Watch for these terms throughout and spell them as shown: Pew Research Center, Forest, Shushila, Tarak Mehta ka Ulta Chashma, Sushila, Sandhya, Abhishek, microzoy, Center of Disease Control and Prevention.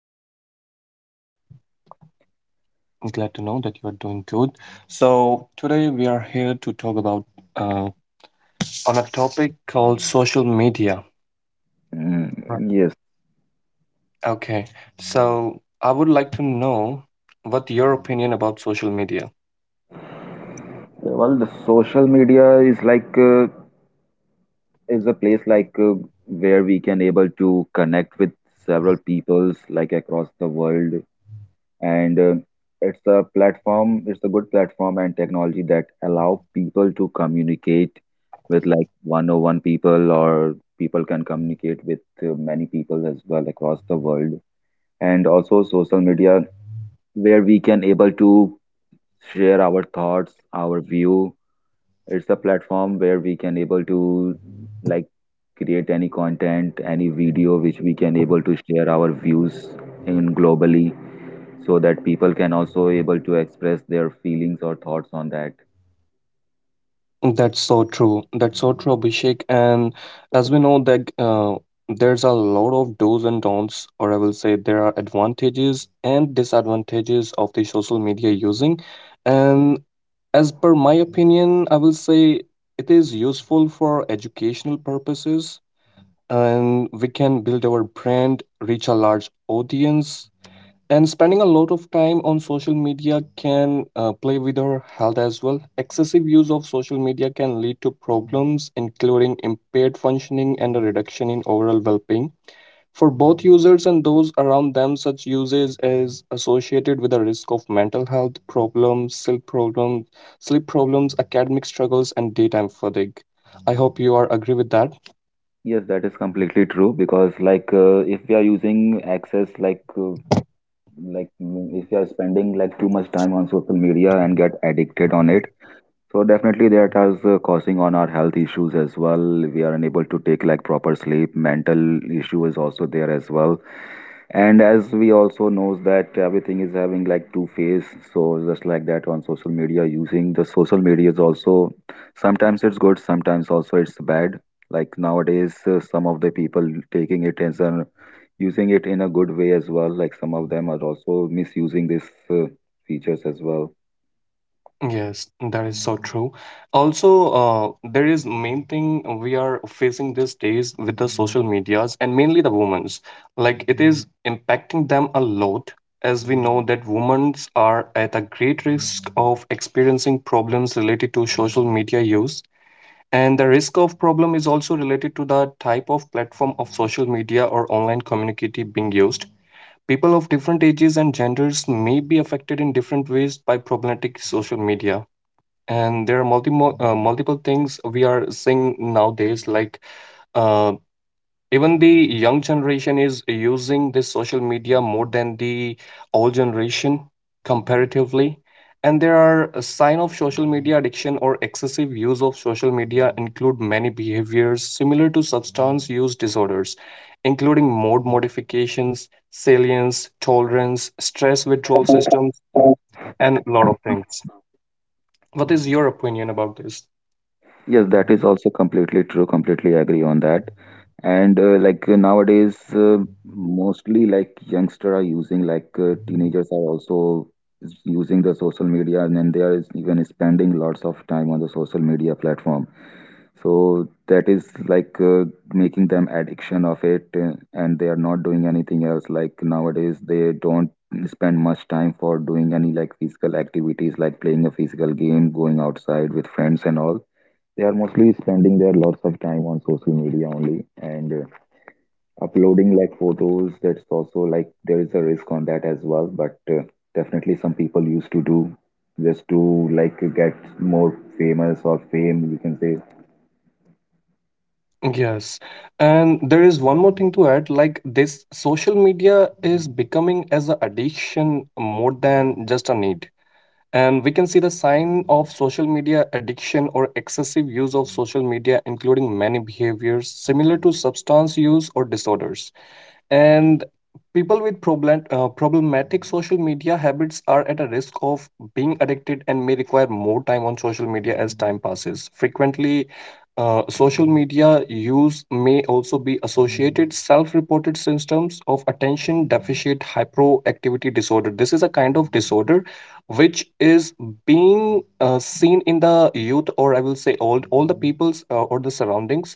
you for asking as well. I'm glad to know that you are doing good. So, today we are here to talk about uh, on a topic called social media. Mm, Right. yes. Okay. So, I would like to know what your opinion about social media. Well, the social media is like is a place like where we can able to connect with several peoples like across the world, and it's a platform. It's a good platform and technology that allow people to communicate with like one-on-one people, or people can communicate with many people as well across the world. And also, social media where we can able to share our thoughts, our view. It's a platform where we can able to like create any content, any video which we can able to share our views in globally so that people can also able to express their feelings or thoughts on that. That's so true. That's so true, Abhishek. And as we know that there's a lot of do's and don'ts, or I will say there are advantages and disadvantages of the social media using. And as per my opinion, I will say it is useful for educational purposes, and we can build our brand, reach a large audience, and spending a lot of time on social media can play with our health as well. Excessive use of social media can lead to problems, including impaired functioning and a reduction in overall well being. For both users and those around them, such usage is associated with a risk of mental health problems, sleep problems, academic struggles, and daytime fatigue. I hope you are agree with that. Yes, that is completely true because like if we are using access like like if we are spending like too much time on social media and get addicted on it. So definitely that is causing on our health issues as well. We are unable to take like proper sleep. Mental issue is also there as well. And as we also knows that everything is having like two phase. So just like that on social media, using the social media is also sometimes it's good, sometimes also it's bad. Like nowadays, some of the people taking it as an using it in a good way as well. Like some of them are also misusing these features as well. Yes, that is so true. Also, there is main thing we are facing these days with the social medias and mainly the women's. Like it is impacting them a lot, as we know that women's are at a great risk of experiencing problems related to social media use. And the risk of problem is also related to the type of platform of social media or online community being used. People of different ages and genders may be affected in different ways by problematic social media, and there are multiple things we are seeing nowadays like uh, even the young generation is using this social media more than the old generation comparatively. And there are a sign of social media addiction or excessive use of social media include many behaviors similar to substance use disorders, including mode modifications, salience, tolerance, stress, withdrawal systems, and a lot of things. What is your opinion about this? Yes, that is also completely true. Completely agree on that. And nowadays, mostly like youngster are using, like teenagers are also is using the social media, and then they are even spending lots of time on the social media platform. So that is like making them addiction of it, and they are not doing anything else. Like nowadays, they don't spend much time for doing any like physical activities, like playing a physical game, going outside with friends and all. They are mostly spending their lots of time on social media only and uploading like photos. That's also like there is a risk on that as well. But definitely, some people used to do just to like get more famous or fame, you can say. Yes. And there is one more thing to add, like this social media is becoming as an addiction more than just a need. And we can see the sign of social media addiction or excessive use of social media, including many behaviors similar to substance use or disorders. And people with problematic social media habits are at a risk of being addicted and may require more time on social media as time passes frequently. Social media use may also be associated self-reported symptoms of attention deficit hyperactivity disorder. This is a kind of disorder which is being seen in the youth, or I will say old, all the peoples or the surroundings.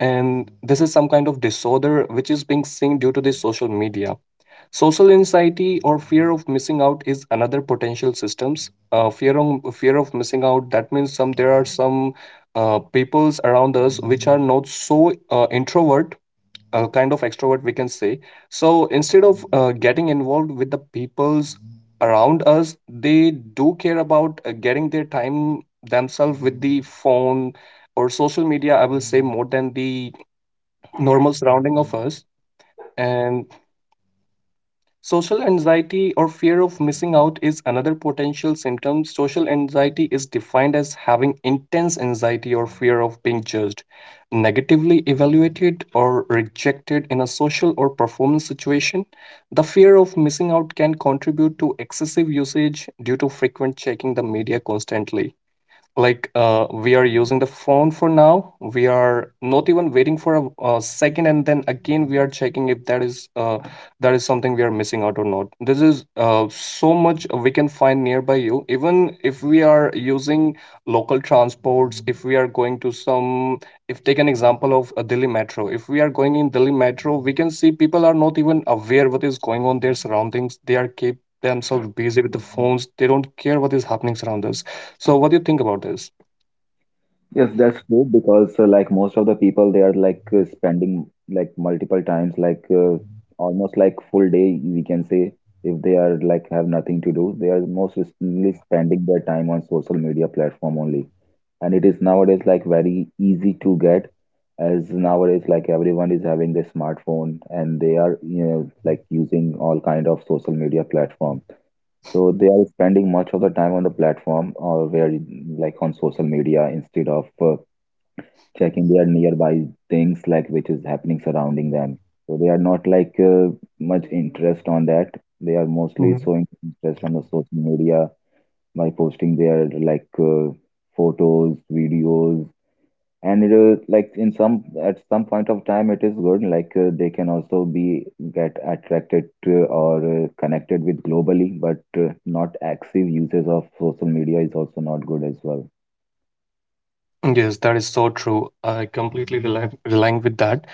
And this is some kind of disorder which is being seen due to the social media. Social anxiety or fear of missing out is another potential systems. Fear of missing out, that means some there are some peoples around us which are not so introvert, kind of extrovert we can say. So instead of getting involved with the peoples around us, they do care about getting their time themselves with the phone or social media, I will say, more than the normal surrounding of us. And social anxiety or fear of missing out is another potential symptom. Social anxiety is defined as having intense anxiety or fear of being judged, negatively evaluated, or rejected in a social or performance situation. The fear of missing out can contribute to excessive usage due to frequent checking the media constantly. Like we are using the phone for now, we are not even waiting for a second, and then again we are checking if that is that is something we are missing out or not. This is so much we can find nearby you, even if we are using local transports. If we are going to some, if take an example of a Delhi metro, if we are going in Delhi metro, we can see people are not even aware what is going on their surroundings. They are keep themselves busy with the phones. They don't care what is happening around us. So, what do you think about this? Yes, that's true because like most of the people, they are like spending like multiple times, almost like full day, we can say, if they are like have nothing to do, they are most recently spending their time on social media platform only. And it is nowadays like very easy to get, as nowadays like everyone is having their smartphone and they are, you know, like using all kind of social media platform. So they are spending much of the time on the platform, or where like on social media instead of checking their nearby things like which is happening surrounding them. So they are not like much interest on that. They are mostly Mhm. showing interest on the social media by posting their like uh, photos, videos. And it is like in some at some point of time it is good, like they can also be get attracted to or connected with globally, but not active usage of social media is also not good as well. Yes, that is so true. I completely relying with that.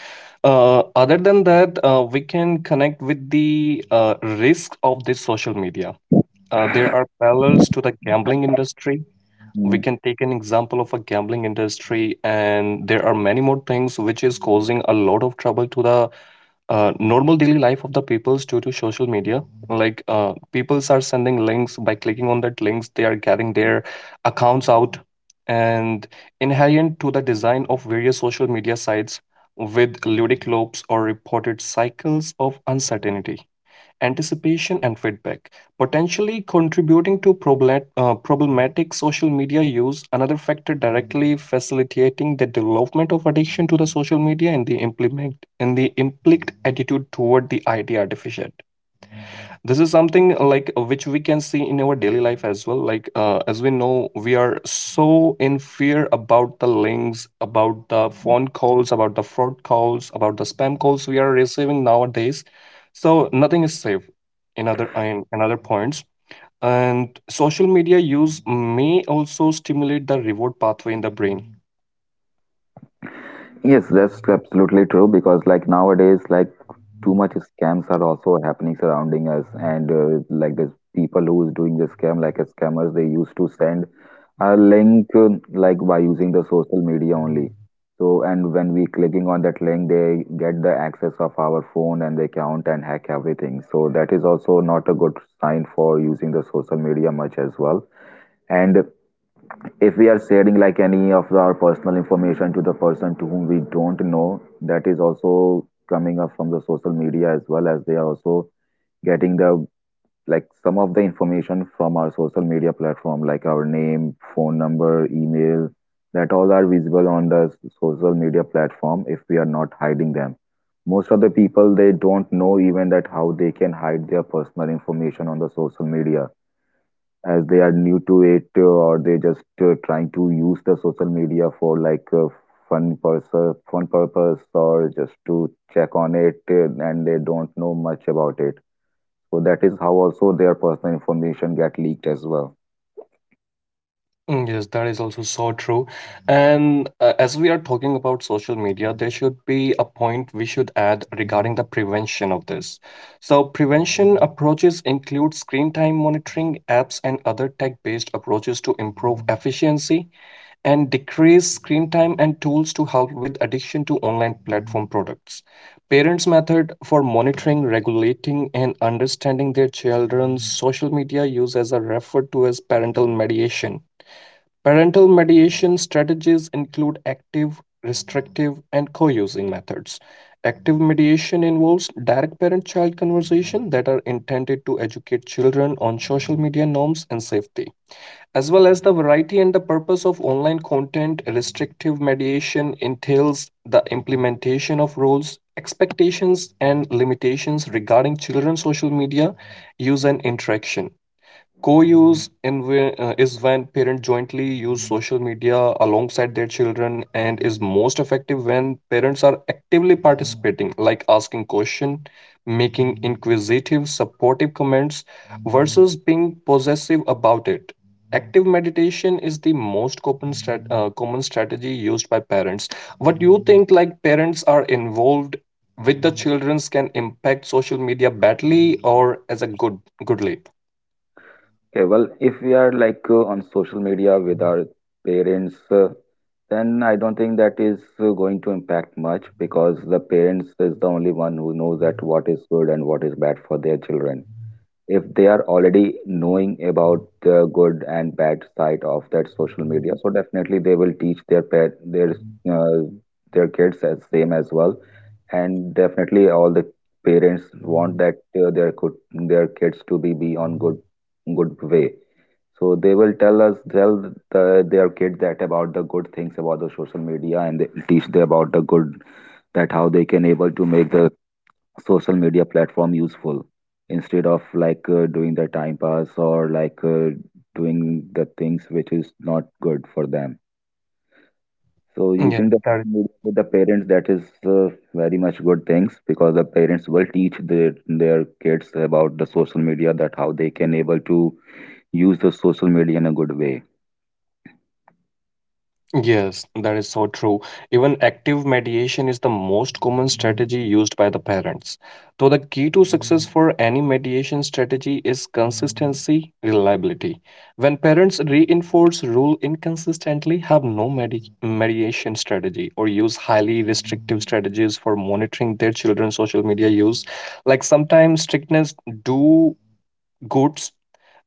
Other than that, we can connect with the risk of this social media. There are parallels to the gambling industry. We Mm. can take an example of a gambling industry, and there are many more things which is causing a lot of trouble to the normal daily life of the peoples due to social media. Like peoples are sending links. By clicking on that links, they are getting their accounts out. And inherent to the design of various social media sites with ludic loops or reported cycles of uncertainty, anticipation, and feedback, potentially contributing to problematic social media use. Another factor directly facilitating the development of addiction to the social media, and the implement and the implicit attitude toward the idea artificial. This is something which we can see in our daily life as well. Like as we know, we are so in fear about the links, about the phone calls, about the fraud calls, about the spam calls we are receiving nowadays. So nothing is safe in other points. And social media use may also stimulate the reward pathway in the brain. Yes, that's absolutely true because like nowadays, like too much scams are also happening surrounding us, and like there's people who is doing the scam, like scammers, they used to send a link like by using the social media only. So, and when we clicking on that link, they get the access of our phone and the account and hack everything. So that is also not a good sign for using the social media much as well. And if we are sharing like any of our personal information to the person to whom we don't know, that is also coming up from the social media, as well as they are also getting the like some of the information from our social media platform, like our name, phone number, email. That all are visible on the social media platform if we are not hiding them. Most of the people, they don't know even that how they can hide their personal information on the social media, as they are new to it, or they just trying to use the social media for like fun purpose, or just to check on it, and they don't know much about it. So that is how also their personal information get leaked as well. Mm, yes, that is also so true. And as we are talking about social media, there should be a point we should add regarding the prevention of this. So, prevention approaches include screen time monitoring, apps, and other tech based approaches to improve efficiency and decrease screen time and tools to help with addiction to online platform products. Parents' method for monitoring, regulating, and understanding their children's social media use as are referred to as parental mediation. Parental mediation strategies include active, restrictive, and co using methods. Active mediation involves direct parent child conversation that are intended to educate children on social media norms and safety. As well as the variety and the purpose of online content, restrictive mediation entails the implementation of rules, expectations, and limitations regarding children's social media use and interaction. Is when parents jointly use social media alongside their children and is most effective when parents are actively participating, like asking questions, making inquisitive, supportive comments, versus being possessive about it. Active meditation is the most common, common strategy used by parents. What do you think? Like parents are involved with the childrens can impact social media badly or as a good goodly? Okay, well, if we are like on social media with our parents, then I don't think that is going to impact much, because the parents is the only one who knows that what is good and what is bad for their children. If they are already knowing about the good and bad side of that social media, so definitely they will teach their pet uh, their kids as same as well. And definitely all the parents want that uh, their could their kids to be on good way. So they will tell their kid that about the good things about the social media, and they will teach them about the good, that how they can able to make the social media platform useful, instead of like doing the time pass, or like doing the things which is not good for them. So Yeah, using the that social media with the parents, that is very much good things, because the parents will teach their kids about the social media, that how they can able to use the social media in a good way. Yes, that is so true. Even active mediation is the most common strategy used by the parents. So, the key to success for any mediation strategy is consistency, reliability. When parents reinforce rule inconsistently, have no mediation strategy or use highly restrictive strategies for monitoring their children's social media use, like sometimes strictness do goods,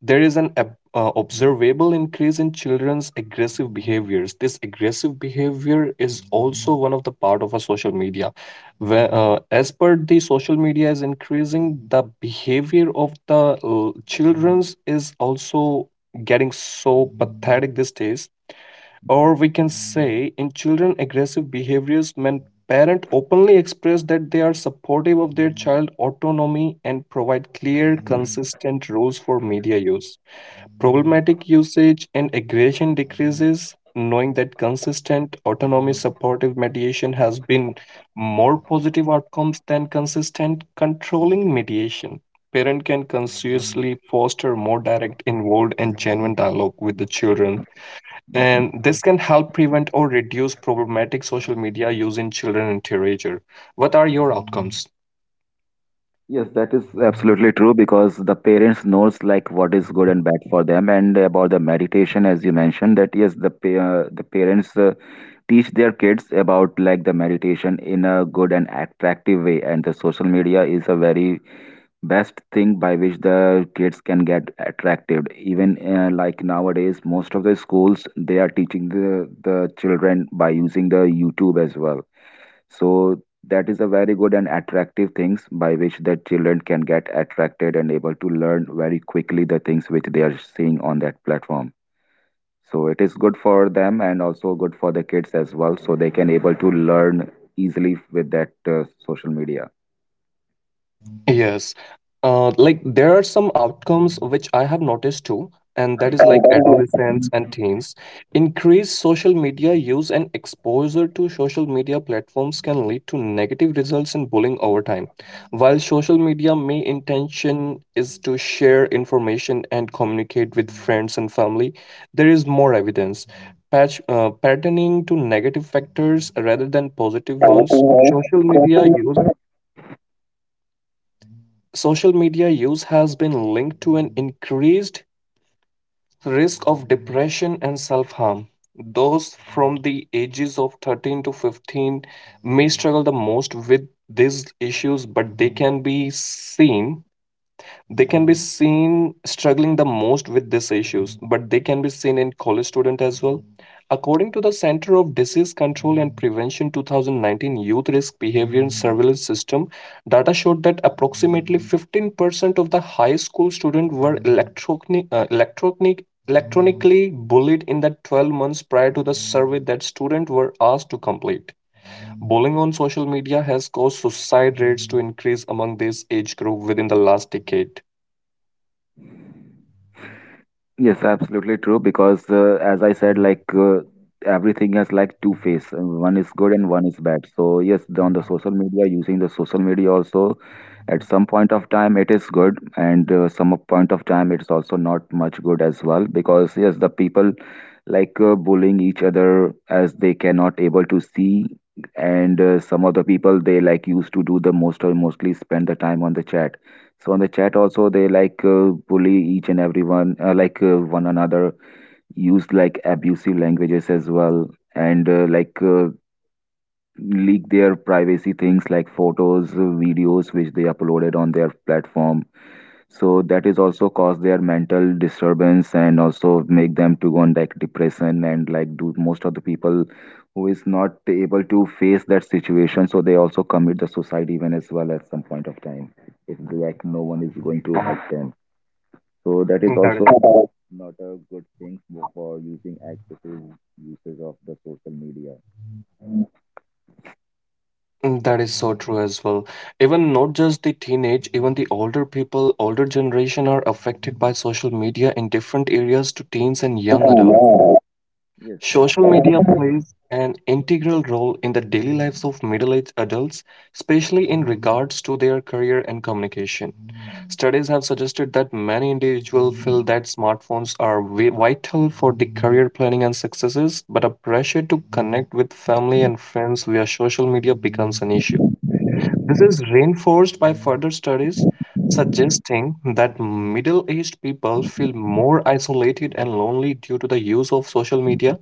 there is an observable increase in children's aggressive behaviors. This aggressive behavior is also one of the part of a social media where as per the social media is increasing, the behavior of the children's is also getting so pathetic these days, or we can say in children aggressive behaviors. When parent openly express that they are supportive of their child autonomy and provide clear consistent rules for media use, problematic usage and aggression decreases, knowing that consistent autonomy supportive mediation has been more positive outcomes than consistent controlling mediation. Parent can consciously foster more direct, involved, and genuine dialogue with the children. And this can help prevent or reduce problematic social media use in children and teenager. What are your outcomes? Yes, that is absolutely true, because the parents knows like what is good and bad for them. And about the meditation, as you mentioned, that yes, the pa the parents teach their kids about like the meditation in a good and attractive way. And the social media is a very best thing by which the kids can get attracted even, like nowadays most of the schools they are teaching the children by using the YouTube as well. So that is a very good and attractive things by which the children can get attracted and able to learn very quickly the things which they are seeing on that platform. So it is good for them and also good for the kids as well, so they can able to learn easily with that social media. Yes. Like there are some outcomes which I have noticed too, and that is like adolescents and teens. Increased social media use and exposure to social media platforms can lead to negative results in bullying over time. While social media may intention is to share information and communicate with friends and family, there is more evidence. Patch, patterning to negative factors rather than positive ones. Everything else Social media question use mark. Social media use has been linked to an increased risk of depression and self harm. Those from the ages of 13 to 15 may struggle the most with these issues, but they can be seen struggling the most with these issues, but they can be seen in college student as well. According to the Center of Disease Control and Prevention 2019 Youth Risk Behavior and Surveillance System, data showed that approximately 15% of the high school students were electronically bullied in the 12 months prior to the survey that students were asked to complete. Bullying on social media has caused suicide rates to increase among this age group within the last decade. Yes, absolutely true. Because as I said, like everything has like two face. One is good and one is bad. So yes, the, on the social media, using the social media also, at some point of time it is good, and some of point of time it's also not much good as well. Because yes, the people like bullying each other as they cannot able to see, and some of the people they like used to do the most, or mostly spend the time on the chat. So on the chat also they like bully each and everyone, like one another, use like abusive languages as well, and leak their privacy things like photos, videos which they uploaded on their platform. So that is also cause their mental disturbance and also make them to go on like depression, and like do most of the people who is not able to face that situation, so they also commit the suicide even as well at some point of time if like no one is going to help them. So that is That also is not a good thing for using excessive usage of the social media. Mm, that is so true as well. Even not just the teenage, even the older people, older generation are affected by social media in different areas to teens and young adults. Yes, that's Social media the. plays an integral role in the daily lives of middle-aged adults, especially in regards to their career and communication. Studies have suggested that many individuals feel that smartphones are vital for the career planning and successes, but a pressure to connect with family and friends via social media becomes an issue. This is reinforced by further studies suggesting that middle aged people feel more isolated and lonely due to the use of social media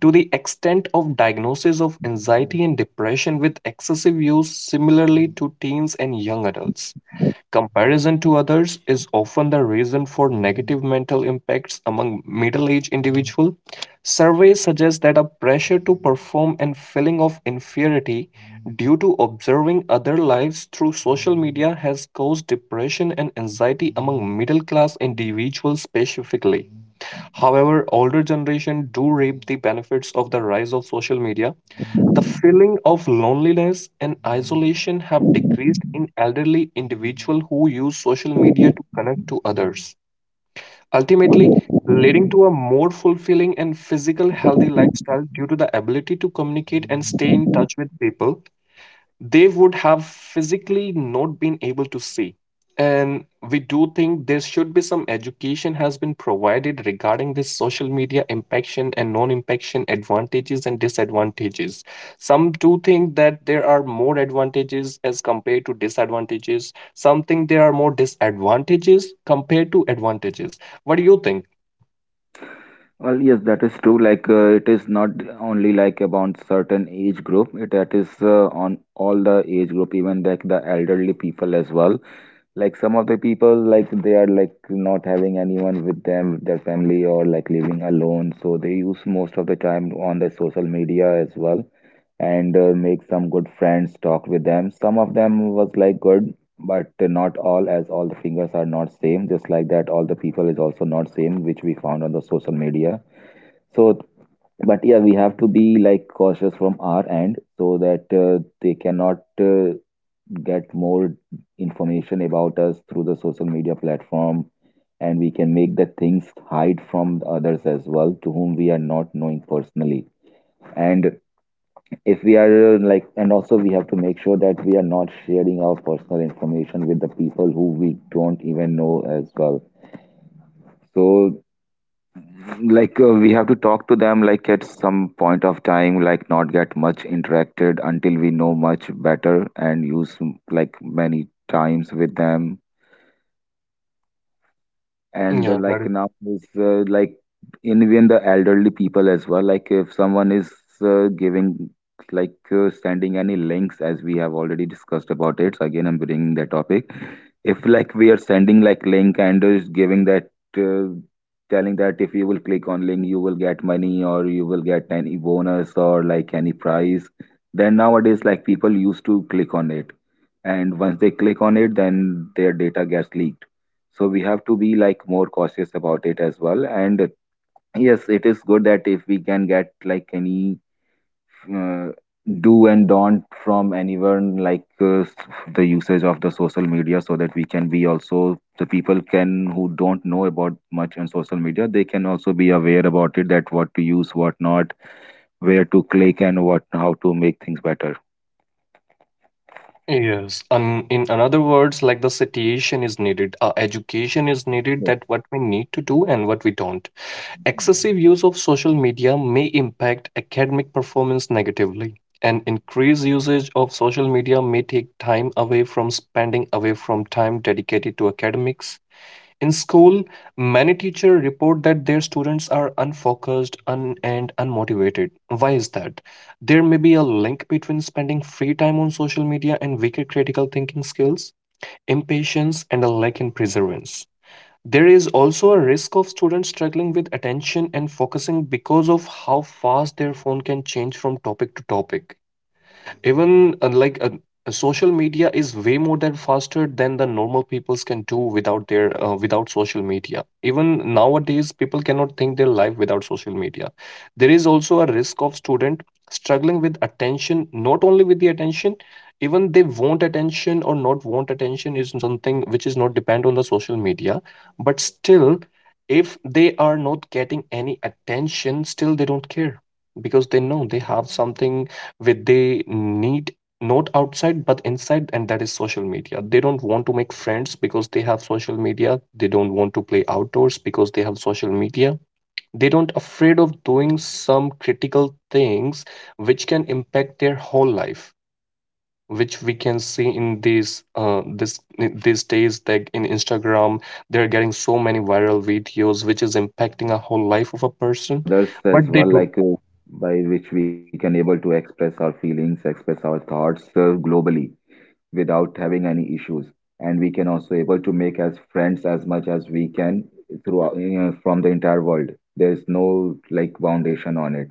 to the extent of diagnosis of anxiety and depression with excessive use, similarly to teens and young adults. Comparison to others is often the reason for negative mental impacts among middle-aged individuals. Surveys suggest that a pressure to perform and feeling of inferiority due to observing other lives through social media has caused depression and anxiety among middle-class individuals specifically. However, older generation do reap the benefits of the rise of social media, the feeling of loneliness and isolation have decreased in elderly individuals who use social media to connect to others, ultimately leading to a more fulfilling and physical healthy lifestyle due to the ability to communicate and stay in touch with people they would have physically not been able to see. And we do think there should be some education has been provided regarding this social media impaction and non-impaction advantages and disadvantages. Some do think that there are more advantages as compared to disadvantages. Some think there are more disadvantages compared to advantages. What do you think? Well, yes, that is true. Like, it is not only like about certain age group. It that is on all the age group, even like the elderly people as well. Like some of the people, like they are like not having anyone with them, their family, or like living alone. So they use most of the time on the social media as well. And make some good friends, talk with them. Some of them was like good, but not all, as all the fingers are not same. Just like that, all the people is also not same, which we found on the social media. So, but yeah, we have to be like cautious from our end, so that they cannot get more information about us through the social media platform. And we can make the things hide from the others as well, to whom we are not knowing personally. And if we are like and also we have to make sure that we are not sharing our personal information with the people who we don't even know as well so like we have to talk to them like at some point of time like not get much interacted until we know much better and use like many times with them and Yeah. like now is like in even the elderly people as well like if someone is giving like sending any links as we have already discussed about it, so again I'm bringing that topic. If like we are sending like link and is giving that uh, telling that if you will click on link you will get money or you will get any bonus or like any prize, then nowadays like people used to click on it, and once they click on it then their data gets leaked. So we have to be like more cautious about it as well. And yes it is good that if we can get like any uh, do and don't from anyone like the usage of the social media, so that we can be also the people can who don't know about much on social media they can also be aware about it, that what to use what not, where to click and what how to make things better. Yes, and in another words, like the satiation is needed, education is needed that what we need to do and what we don't. Yes. Excessive use of social media may impact academic performance negatively, and increased usage of social media may take time away from spending away from time dedicated to academics. In school, many teachers report that their students are unfocused and unmotivated. Why is that? There may be a link between spending free time on social media and weaker critical thinking skills, impatience, and a lack in perseverance. There is also a risk of students struggling with attention and focusing because of how fast their phone can change from topic to topic. Even social media is way more than faster than the normal peoples can do without their without social media. Even nowadays, people cannot think their life without social media. There is also a risk of student struggling with attention. Not only with the attention, even they want attention or not want attention is something which is not depend on the social media. But still, if they are not getting any attention, still they don't care because they know they have something with they need not Yes, that is outside but so true, inside, and because that like is social most of the media. They people, don't they are want to make mostly friends spending their because they time have on the social social media. media only. They don't Like want to play outdoors since they because they wake have up, social they media. used to They post don't like afraid of everything. Like doing even they are some posting that what critical they are things eating on their which can breakfast, impact their lunch, whole dinner. They life, used to post each and which we everything, can like see sharing in all the things on a social media these platform. days that in But yes, as Instagram it's a they're good thing, getting like so many we viral can videos which is share our impacting a thoughts whole life of a and person, to others as but they well, do. like by which we can able to express our feelings, express our thoughts globally without having any issues, and we can also able to make as friends as much as we can throughout you know, from the entire world. There's no like foundation on it.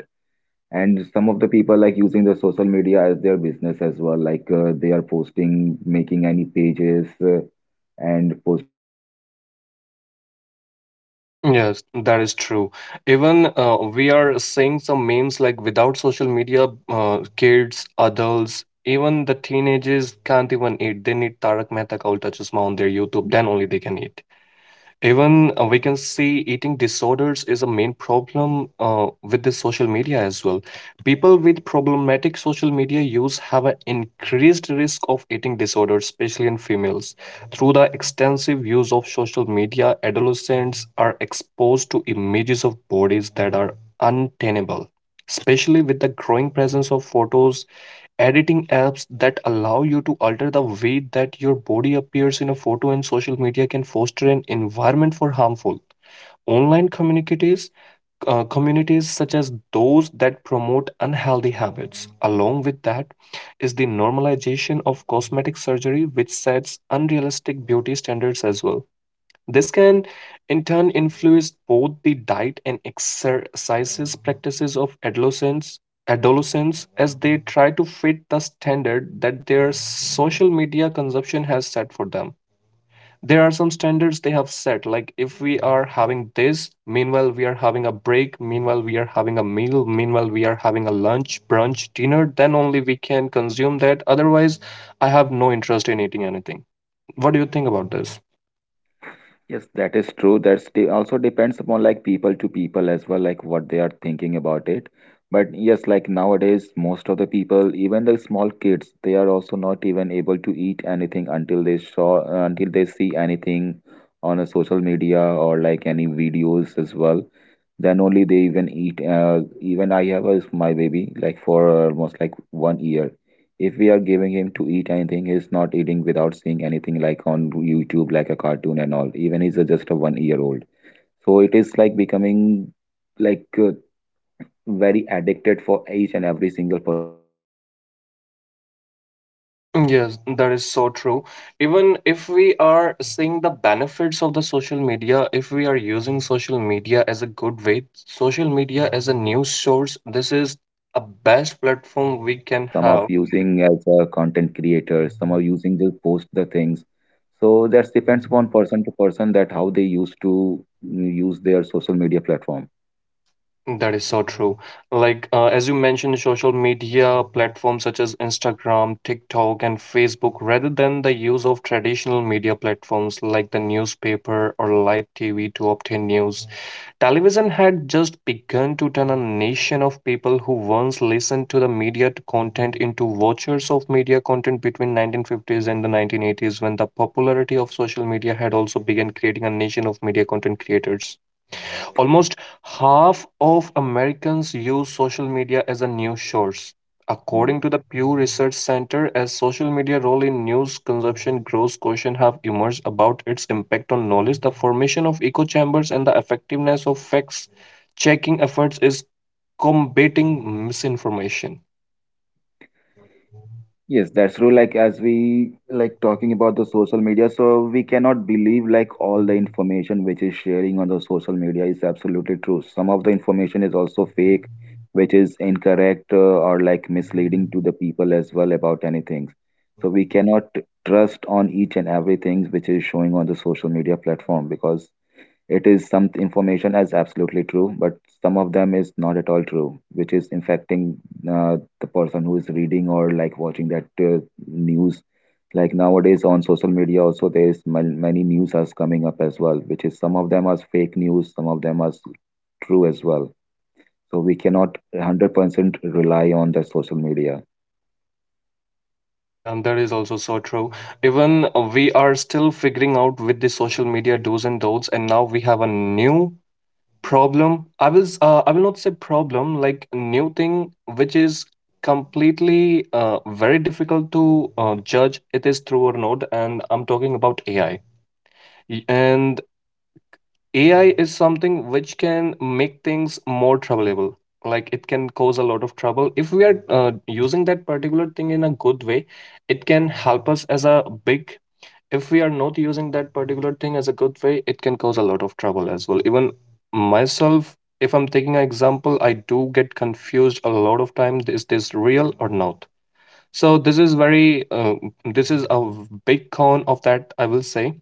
And some of the people like using the social media as their business as well, like they are posting making any pages and posting their products which they used to sell through the Yes, social that is media, true. so that they Even can able to we get are their seeing some business memes like growth. without social media, kids, adults, even the teenagers can't even eat. They need Tarak Mehta ka Ulta Chashma on their YouTube. Then only they can eat. Even we can see eating disorders is a main problem with the social media as well. People with problematic social media use have an increased risk of eating disorders, especially in females. Through the extensive use of social media, adolescents are exposed to images of bodies that are untenable, especially with the growing presence of photos editing apps that allow you to alter the way that your body appears in a photo, and social media can foster an environment for harmful online communities, communities such as those that promote unhealthy habits. Along with that is the normalization of cosmetic surgery, which sets unrealistic beauty standards as well. This can in turn influence both the diet and exercises practices of adolescents as they try to fit the standard that their social media consumption has set for them. There are some standards they have set, like if we are having this, meanwhile we are having a break, meanwhile we are having a meal, meanwhile we are having a lunch, brunch, dinner, then only we can consume that. Otherwise, I have no interest in eating anything. What do you think about this? Yes, that is true. That's de also depends upon like people to people as well, like what they are thinking about it. But yes, like nowadays, most of the people, even the small kids, they are also not even able to eat anything until they saw, until they see anything on a social media or like any videos as well, then only they even eat. Uh, even I have a, my baby like for almost like one year, if we are giving him to eat anything he's not eating without seeing anything like on youtube like a cartoon and all, even he's a, just a 1-year-old old. So it is like becoming like very addicted for each and every single person in the world. But definitely it's depending Yes, upon that the is so true. person to person, that Even if how they we use are and how they seeing the manage benefits of the about social to being on media, social if we are media and using about social media doing as a the good business. way, Some people doing social the media business as on a that news as well, source, this some is of them a just using best it as a platform we fun, can some of have. using as a content creator, some are using to post the things. So that depends upon person to person, that how they used to use their social media platform. That is so true. Like, as you mentioned, social media platforms such as Instagram, TikTok, and Facebook, rather than the use of traditional media platforms like the newspaper or live TV to obtain news, television had just begun to turn a nation of people who once listened to the media content into watchers of media content between 1950s and the 1980s, when the popularity of social media had also begun creating a nation of media content creators. Almost half of Americans use social media as a news source. Hmm. According to the Pew Research Center, as social media role in news consumption grows, questions have emerged about its impact on knowledge, the formation of echo chambers, and the effectiveness of facts checking efforts is combating misinformation. Yes, that's true. Like as we like talking about the social media, so we cannot believe like all the information which is sharing on the social media is absolutely true. Some of the information is also fake, which is incorrect or like misleading to the people as well about anything. So we cannot trust on each and everything which is showing on the social media platform, because it is some information as absolutely true, but some of them is not at all true, which is infecting the person who is reading or like watching that news. Like nowadays on social media, also there is many news are coming up as well, which is some of them are fake news, some of them are true as well. So we cannot 100% rely on the social media. Yeah, that is also so true. Even we are still figuring out with the social media do's and don'ts, and now we have a new problem? I will not say problem, like new thing which is completely very difficult to judge it is true or not, and I'm talking about AI. And AI is something which can make things more troubleable. Like it can cause a lot of trouble. If we are using that particular thing in a good way, it can help us as a big. If we are not using that particular thing as a good way, it can cause a lot of trouble as well. Even myself, if I'm taking an example, I do get confused a lot of time, is this real or not? So this is very this is a big con of that, I will say.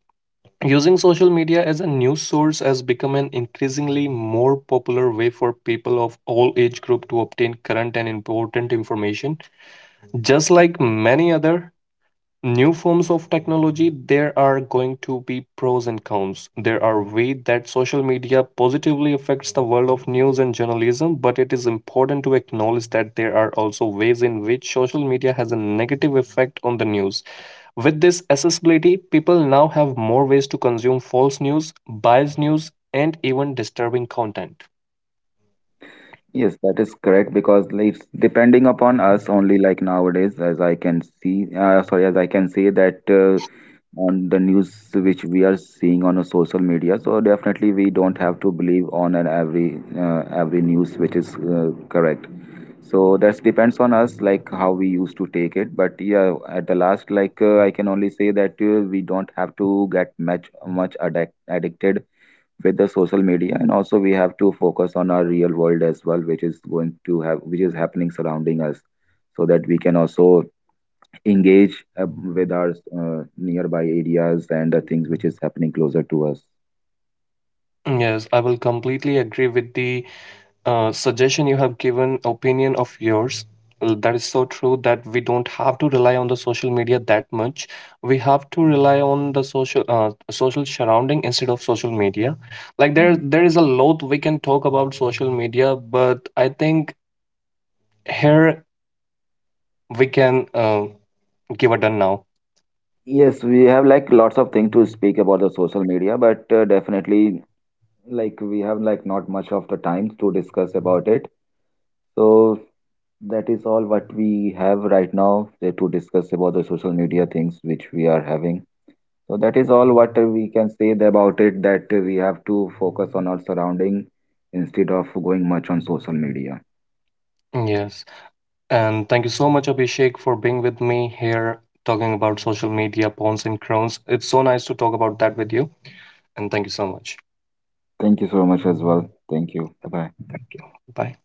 Using social media as a news source has become an increasingly more popular way for people of all age group to obtain current and important information. Just like many other new forms of technology, there are going to be pros and cons. There are ways that social media positively affects the world of news and journalism, but it is important to acknowledge that there are also ways in which social media has a negative effect on the news. With this accessibility, people now have more ways to consume false news, biased news, and even disturbing content. Yes, that is correct, because it's depending upon us only. Like nowadays as I can see sorry, as I can say that on the news which we are seeing on a social media, so definitely we don't have to believe on an every news which is correct. So that depends on us like how we used to take it. But yeah, at the last like I can only say that we don't have to get much much addicted with the social media, and also we have to focus on our real world as well, which is going to have which is happening surrounding us, so that we can also engage uh, with our nearby areas and the things which is happening closer to us. Yes, I will completely agree with the suggestion you have given, opinion of yours. That is so true that we don't have to rely on the social media that much. We have to rely on the social surrounding instead of social media. Like there Mm. there is a lot we can talk about social media, but I think here we can give it done now. Yes, we have like lots of things to speak about the social media, but definitely like we have like not much of the time to discuss about it. So that is all what we have right now to discuss about the social media things which we are having. So that is all what we can say about it, that we have to focus on our surrounding instead of going much on social media. Yes, and thank you so much, Abhishek, for being with me here talking about social media pawns and crowns. It's so nice to talk about that with you, and thank you so much. Thank you so much as well. Thank you. Bye bye. Thank you. Bye.